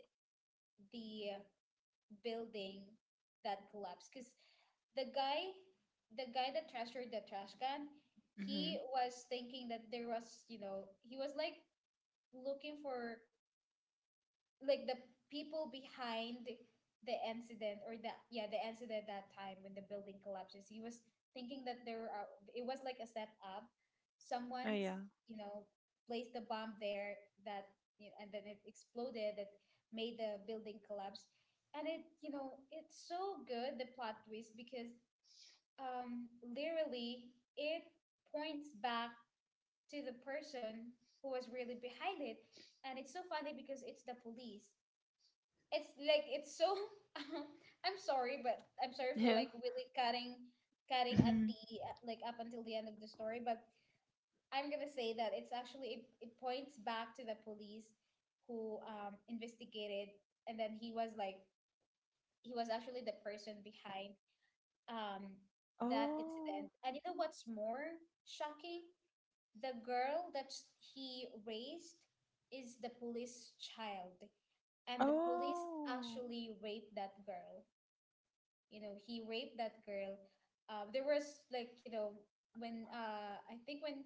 the building that collapsed, because the guy the guy that treasured the trash can,
Mm-hmm.
he was thinking that there was you know he was like looking for like the people behind the incident, or the yeah, the incident that time when the building collapses. He was thinking that there are it was like a setup.
Oh yeah.
Someone's,
[laughs]
you know placed the bomb there, that, and then it exploded, that made the building collapse. And it you know it's so good, the plot twist, because literally it points back to the person who was really behind it. And it's so funny because it's the police. It's like it's so [laughs] I'm sorry for
Yeah.
like really cutting at
Mm-hmm.
the, like up until the end of the story, but I'm gonna say that it's actually, it points back to the police, who investigated. And then he was actually the person behind, um, that
Oh.
incident. And you know what's more shocking? The girl that he raised is the police child, and the police
Oh.
actually raped that girl. He raped that girl. There was like, when I think when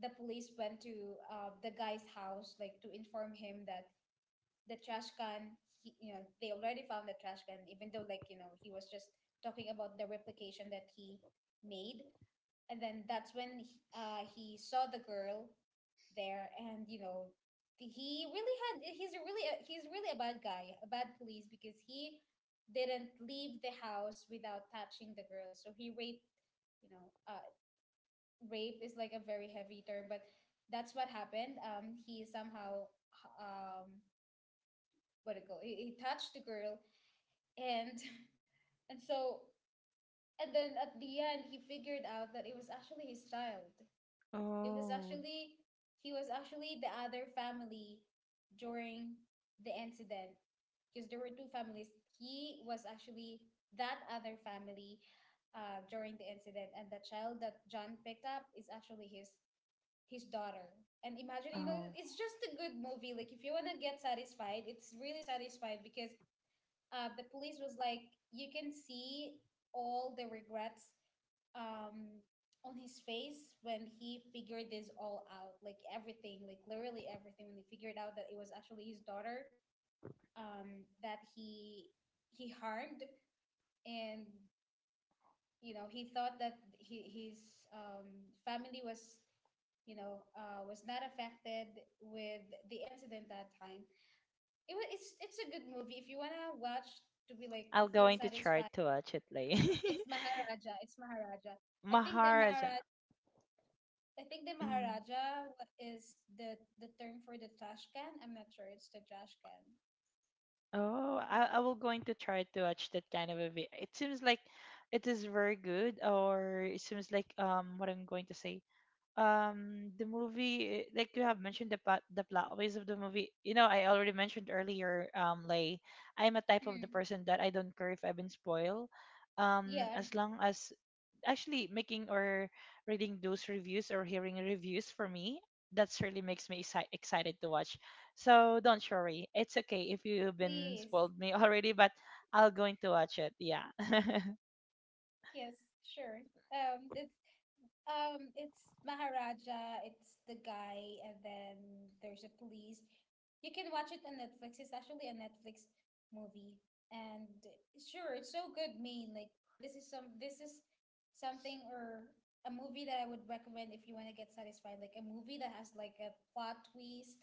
the police went to the guy's house, like to inform him that the trash can, they already found the trash can, even though like, he was just talking about the replication that he made. And then that's when he saw the girl there. And he's a really, he's really a bad guy a bad police, because he didn't leave the house without touching the girl. So he raped, you know uh, rape is like a very heavy term, but that's what happened. He somehow, um what it go he touched the girl, and [laughs] and so and then at the end he figured out that it was actually his child. It was
Oh,
actually He was actually the other family during the incident, because there were two families. He was actually that other family during the incident, and the child that John picked up is actually his daughter. And imagine,
oh.
it's just a good movie. Like if you wanna get satisfied, it's really satisfied, because the police was like, you can see all the regrets um, on his face when he figured this all out, like everything, like literally everything, when he figured out that it was actually his daughter, that he harmed, and he thought that his family was, was not affected with the incident that time. It was it's a good movie if you wanna watch to be like to
I'm
feel
going to try
satisfied.
to watch it later.
It's Maharaja. It's Maharaja.
[laughs]
I think the
Maharaja.
Maharaja. I think the
Mm.
Maharaja is the term for the trash can. I'm not sure. It's the trash can.
Oh, I
Uh,
will going to try to watch that kind of a video. It seems like it is very good, or it seems like what I'm going to say. The movie, like you have mentioned the plot, ways of the movie. I already mentioned earlier, Lay, I'm a type of the
mm,
person that I don't care if I've been spoiled,
yeah.
as long as actually making or reading those reviews or hearing reviews, for me that's really makes me excited to watch. So don't worry, it's okay if you've been
Please.
spoiled me [laughs] already, but I'll going to watch it. Yeah. [laughs]
Yes. Sure. That's it's Maharaja, it's the guy, and then there's a police. You can watch it on Netflix. It's actually a Netflix movie. And sure, it's so good, main. Like this is something or a movie that I would recommend if you want to get satisfied. Like a movie that has like a plot twist,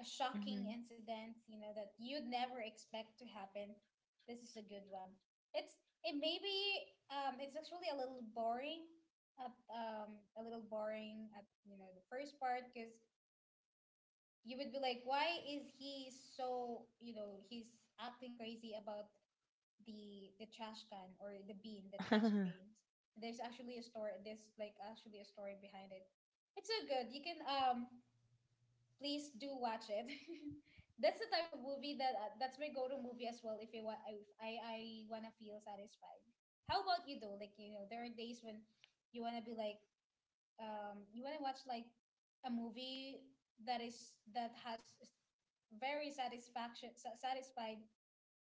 a shocking
Hmm.
incident, you know, that you'd never expect to happen. This is a good one. It's it may be it's actually a little boring at a little boring at, you know, the first part because you would be like, why is he so, you know, he's acting crazy about the trash can or the bin, the trash
[laughs]
bins. There's actually a story. There's like actually a story behind it. It's so good. You can please do watch it. [laughs] That's the type of movie that that's my go-to movie as well. If I want, if I wanna feel satisfied. How about you though? Like, you know, there are days when you wanna be like, you wanna watch like a movie that is that has very satisfied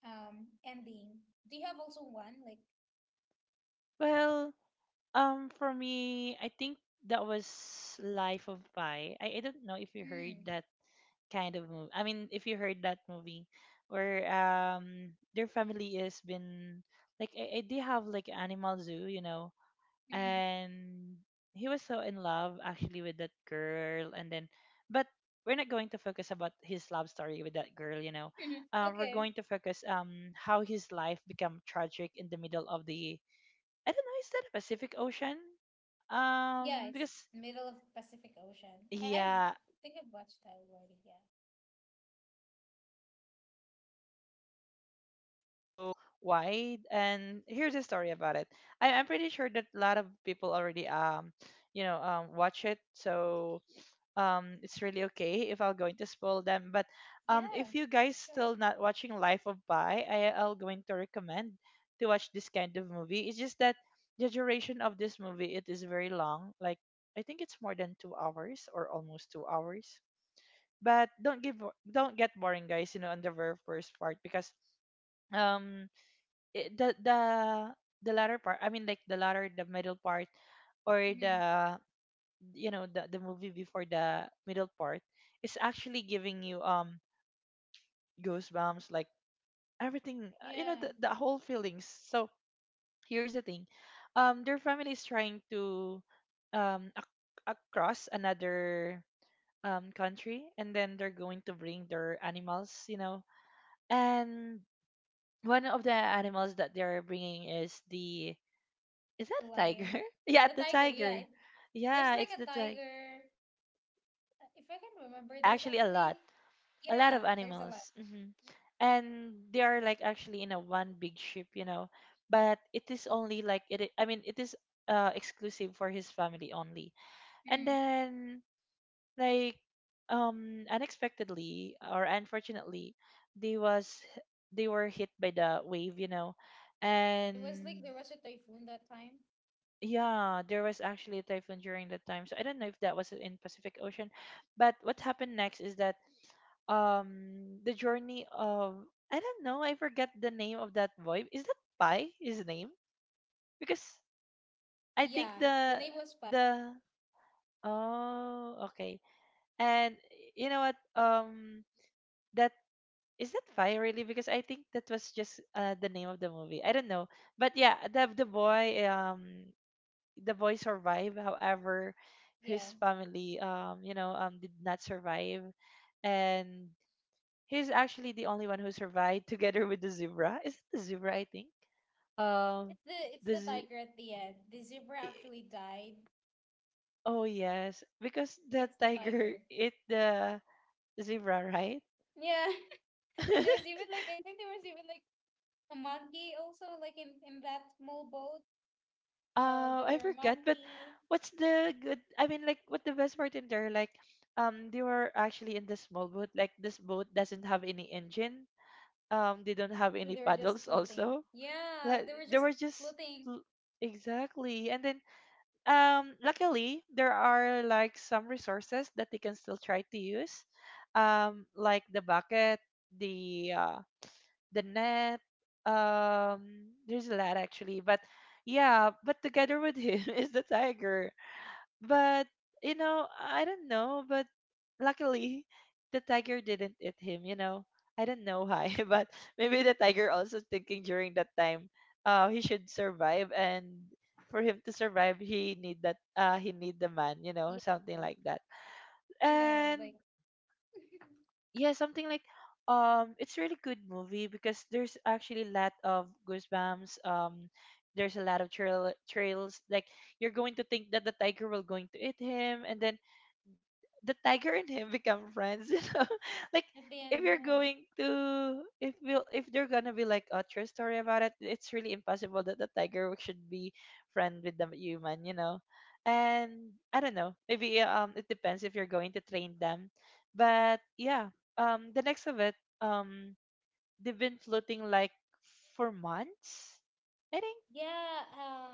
ending. Do you have also one like?
Well, for me, I think that was Life of Pi. I don't know if you heard
Mm,
that kind of movie. I mean, if you heard that movie, where their family is been like, I they have like animal zoo,
mm,
and he was so in love actually with that girl, and then but we're not going to focus about his love story with that girl.
mm,
We're
okay.
going to focus how his life become tragic in the middle of the, I don't know, is that a Pacific Ocean?
Yeah, it's
Because
middle of Pacific Ocean. I
yeah,
I think I've watched that already. Yeah.
[laughs] I don't know, but the ocean is like so wide. And here's a story about it. I'm pretty sure that a lot of people already watch it, so it's really okay if I'm going to spoil them. But
Yeah,
if you guys
sure.
still not watching Life of Pi, I'll going to recommend to watch this kind of movie. It's just that the duration of this movie it is very long. Like I think it's more than 2 hours or almost 2 hours, but don't get boring guys, on the very first part because um it, the latter part, I mean, like the middle part, or
Mm-hmm.
the you know the movie before the middle part is actually giving you goosebumps, like everything,
Yeah,
the, whole feelings. So here's the thing, their family is trying to across another country, and then they're going to bring their animals. And one of the animals that they're bringing is the is
the
that a tiger?
lion,
[laughs] Yeah,
the
the
tiger. Yeah, it,
tiger.
there's
Yeah,
like
it's
a
the tiger.
tiger. If I can remember, there's
Actually,
actually
a lot
yeah,
of
there's a lot.
animals. Hmm. And they are like actually in a one big ship. But it is only like it. I mean, it is exclusive for his family only. And
Mm.
then like unexpectedly or unfortunately, they was they were hit by the wave. You know
It was like
and
there was a typhoon that time.
Yeah, there was actually a typhoon during that time. So I don't know if that was in Pacific Ocean, but what happened next is that the journey of, I don't know, I forget the name of that boy. Is that Pai his name? Because I think
Yeah, the
the
name was Pat.
the Oh, okay. And you know what? That Is that Pai really? Because I think that was just the name of the movie. I don't know. But yeah, the boy, the boy survived. However, his
Yeah,
family, did not survive, and he's actually the only one who survived [laughs] together with the zebra. Is it the zebra? I think. Um,
it's
the
the
z-
tiger at the end. The zebra
i-
actually died.
oh yes, because the
It's the
tiger
tiger.
[laughs] ate the zebra, right?
Yeah, [laughs] there was even
[laughs]
like a monkey also like in that small boat. There
I
were a
forgot, but
monkey.
what's the good? I mean, like, what the best part in there? Like, they were actually in this small boat. Like, this boat doesn't have any engine, they don't have
So
any
they were just
paddles
floating.
also,
Yeah,
like
they were
they
just
were just
floating.
l- exactly. And then luckily there are like some resources that they can still try to use, like the bucket, the uh the net, um there's a lot actually. But yeah, but together with him [laughs] is the tiger. But I don't know. But luckily, the tiger didn't eat him. I don't know why, [laughs] but maybe the tiger also thinking during that time, he should survive, and for him to survive, he need that, he need the man. You know,
Yeah,
something like that.
I know.
And
Like
yeah, something like, it's really good movie because there's actually a lot of goosebumps. There's a lot of trails, like you're going to think that the tiger will going to eat him, and then the tiger and him become friends, [laughs] you know? Like,
at the end,
if you're
yeah.
going to if we'll if they're gonna be like a true story about it, it's really impossible that the tiger should be friend with the human. And I don't know. Maybe it depends if you're going to train them. But yeah, the next of it, um they've been floating like for months, I think.
Yeah,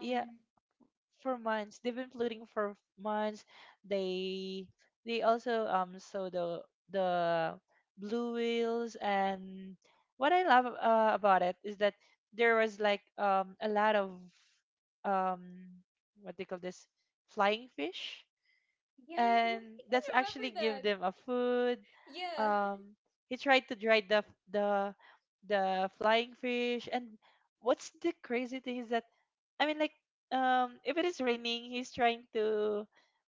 Yeah, for months. They've been polluting for months. They they also saw the blue whales. And what I love, about it is that there was like a lot of, um what they call this, flying fish,
yeah,
and
[laughs] I can
that's
remember
actually give
that.
them a food.
Yeah. [laughs]
Um, he tried to dry the f- the flying fish. And what's the crazy thing is that, I mean, like, if it is raining, he's trying to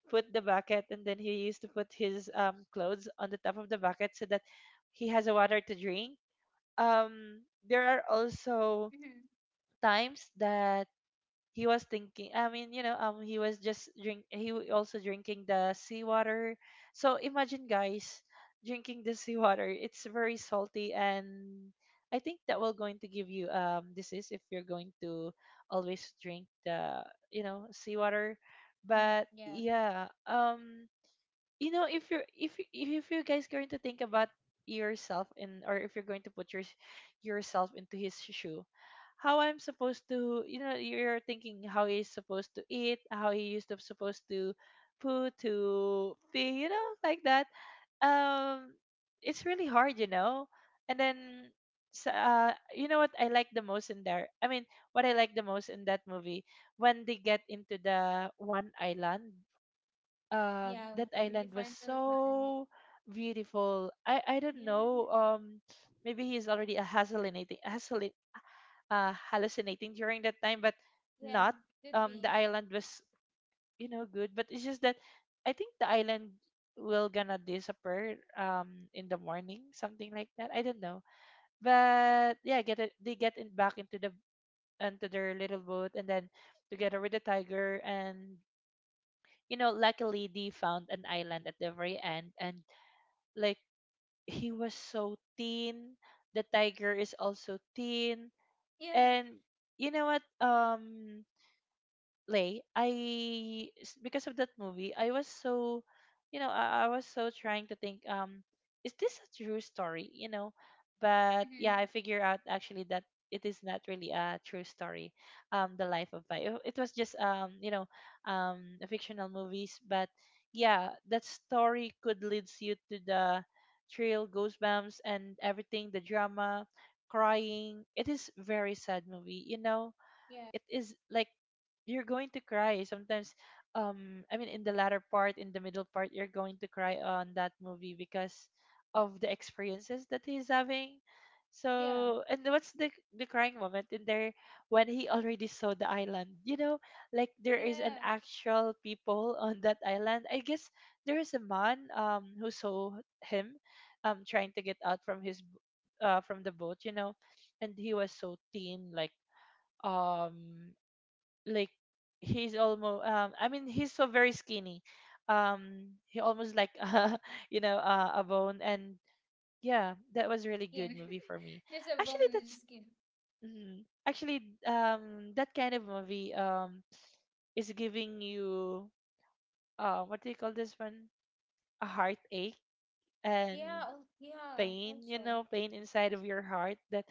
put the bucket, and then he used to put his clothes on the top of the bucket so that he has a water to drink. Um, there are also
Mhm.
times that he was thinking, I mean, he was just drink he w- also drinking the seawater. So imagine guys drinking the [laughs] seawater, it's very salty, and I think that will going to give you disease if you're going to always drink the seawater. But
Yeah,
yeah, if you're if you guys going to think about yourself in or if you're going to put yourself into his shoe. How I'm supposed to you know You're thinking how he's supposed to eat, how he used to supposed to poo, to pee, like that. um it's really hard. And then so, you know what I like the most in there, I mean, what I like the most in that movie, when they get into the one island,
yeah,
that
the
island was
final land.
so beautiful. I don't
Yeah,
know. Maybe he's already a hallucinating during that time, but
yeah,
not.
could
The
be.
island was, good, but it's just that I think the island will gonna disappear in the morning, something like that. I don't know, but yeah, get it. They get in back into the into their little boat, and then together with the tiger, and, luckily they found an island at the very end, and like he was so thin. The tiger is also thin,
Yeah,
and you know what? Lay, because of that movie, I was so, I was so trying to think, is this a true story? But yeah,
hmm
I figure out actually that it is not really a true story. The life of Vi. It was just, a fictional movies, but yeah, that story could leads you to the trail, goosebumps, and everything, the drama, crying. It is very sad movie.
yeah,
It is like you're going to cry sometimes, I mean, in the middle part, you're going to cry on that movie because of the experiences that he's having.
yeah,
So, and what's the crying moment in there, when he already saw the island, like there is an
yeah.
actual people [laughs] on that island, I guess. There is a man who saw him trying to get out from from the boat. You know and He was so thin, like, um like he's almost, I mean, he's so very skinny, he almost like [laughs] a bone. And yeah, that was really good
Skin.
movie for me,
[laughs] There's a bone
actually.
in the
that's
skin.
mm, actually, that kind of movie, is giving you, what do you call this one, a heartache and
Yeah, oh, yeah,
pain,
also.
pain inside of your heart, that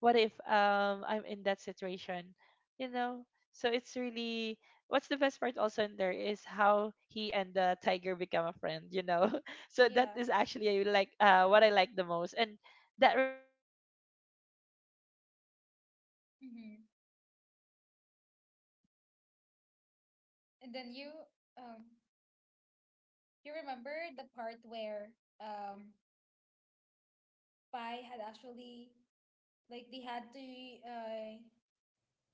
what if I'm in that situation, you know? So it's really, what's the best part also in there is how he and the tiger become a friend. [laughs] So that
Yeah.
is actually like, what I like the most, and that really also makes my heart happy [laughs] that the tiger didn't eat him.
Mm-hmm.
[laughs] So yeah, that's for me, Lay.
And then you, um, you remember the part where um Pi had actually like they had to uh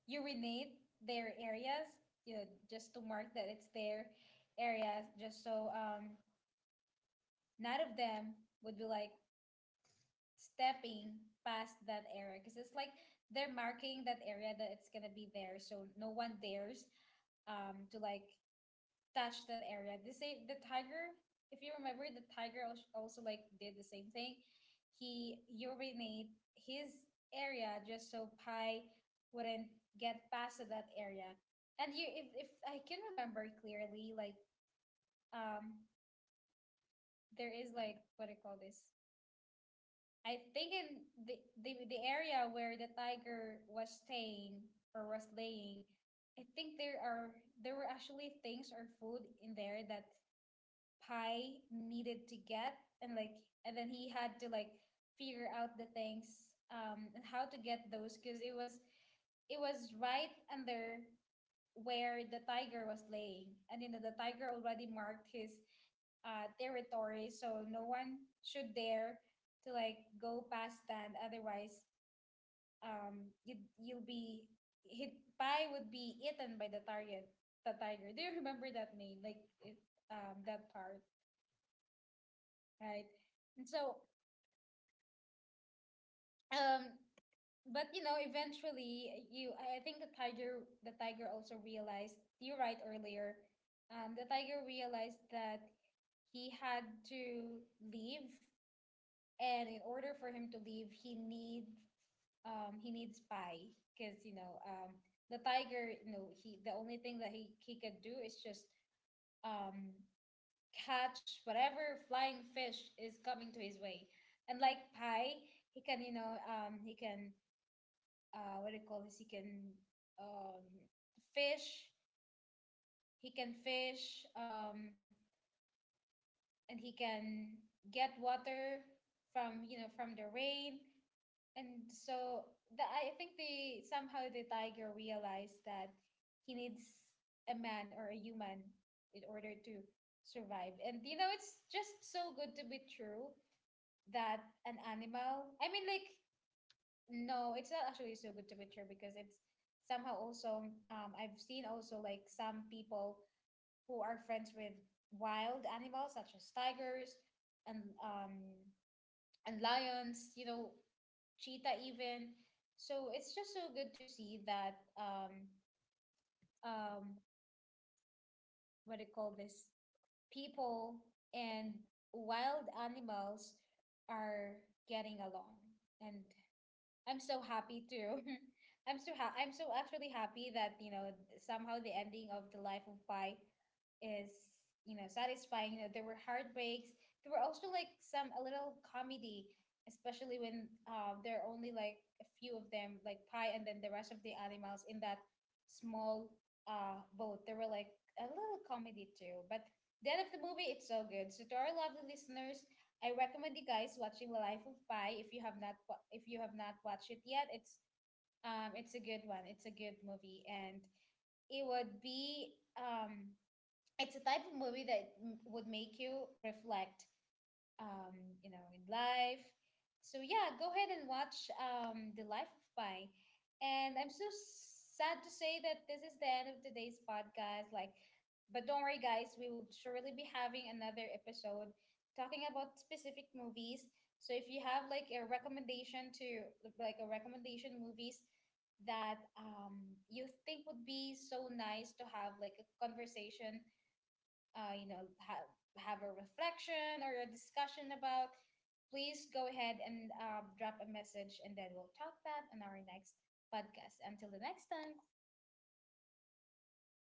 urinate their areas, you know, just to mark that it's their areas, just so none of them would be
Oh.
like stepping past that area because it's like they're marking that area that it's gonna be there, so no one dares to like touch that area. The same, the tiger. If you remember, the tiger also like did the same thing. He urinate his area just so Pi wouldn't get past to that area. And you,
Ah,
if I can
okay.
remember clearly, like, um, there is like, what do you call this? I think in the the area where the tiger was staying or was laying, I think there were actually things or food in there that Pi needed to get, and like, and then he had to like figure out the things and how
[laughs]
to get those because it was right under where the tiger was laying, and you know the tiger already marked his territory,
ah,
so no one should dare to like go past that. Otherwise,
they're
you
gonna.
you'll be hit. Pi would be eaten by the target, the tiger. Do you remember that name? Like it,
Yes, yes, I
that
remember
part,
that part. And actually, that was also
right? And
a
so
funny part in there.
um but you know eventually you I think the tiger also realized you're right earlier. The tiger realized that he had to leave, and in order for him to leave he need he needs pie because, you
[laughs]
know,
Yeah.
the tiger, you know, he the only thing that he could do is just um catch whatever flying fish is coming to his way,
[laughs]
and like
Yeah.
pie
[laughs]
he can, you know, he can, what do you call this? He can
Make water for
um,
them.
fish.
Yeah,
He can fish, and he can get water from, you know, from the rain. And
exactly.
so the, I think they somehow the tiger realized that he needs a man or a human in order to survive. And you know, it's just so good to be true that an animal. I mean, like, no, it's not actually so good to picture because it's somehow also
[laughs]
I've seen also like some people who are friends with wild animals such as tigers and
Yeah,
um and lions, you know, cheetah even. So it's just so good to see that um what do you call
pie.
this? People and wild animals are getting along and I'm so happy too. [laughs] I'm so actually happy that, you know, somehow the ending of The Life of Pi is, you know, satisfying. You know, there were heartbreaks. There were also like some a little comedy, especially when
Mm-hmm.
there are only like a few of them, like Pi and then the rest of the animals in that small boat. There were like a little comedy too. But the end of the movie, it's so good. So to our lovely listeners, I recommend you guys watching The Life of Pi if you have not if you have not watched it yet. It's a good one. It's a good movie,
It
and it
is.
would be it's a type of movie that would make you reflect, um, you know, in life. So yeah, go ahead and watch, The Life of Pi. And I'm so sad to say that this is the end of today's podcast. Like, but don't worry, guys, we will surely be having another episode talking about specific movies. So if you have like a recommendation to like a recommendation movies that, you think would be so nice to have like a conversation, you know, have a reflection or a discussion about, please go ahead and drop a message, and then we'll talk that on our
Yes.
next podcast. Until the next time.
Hi.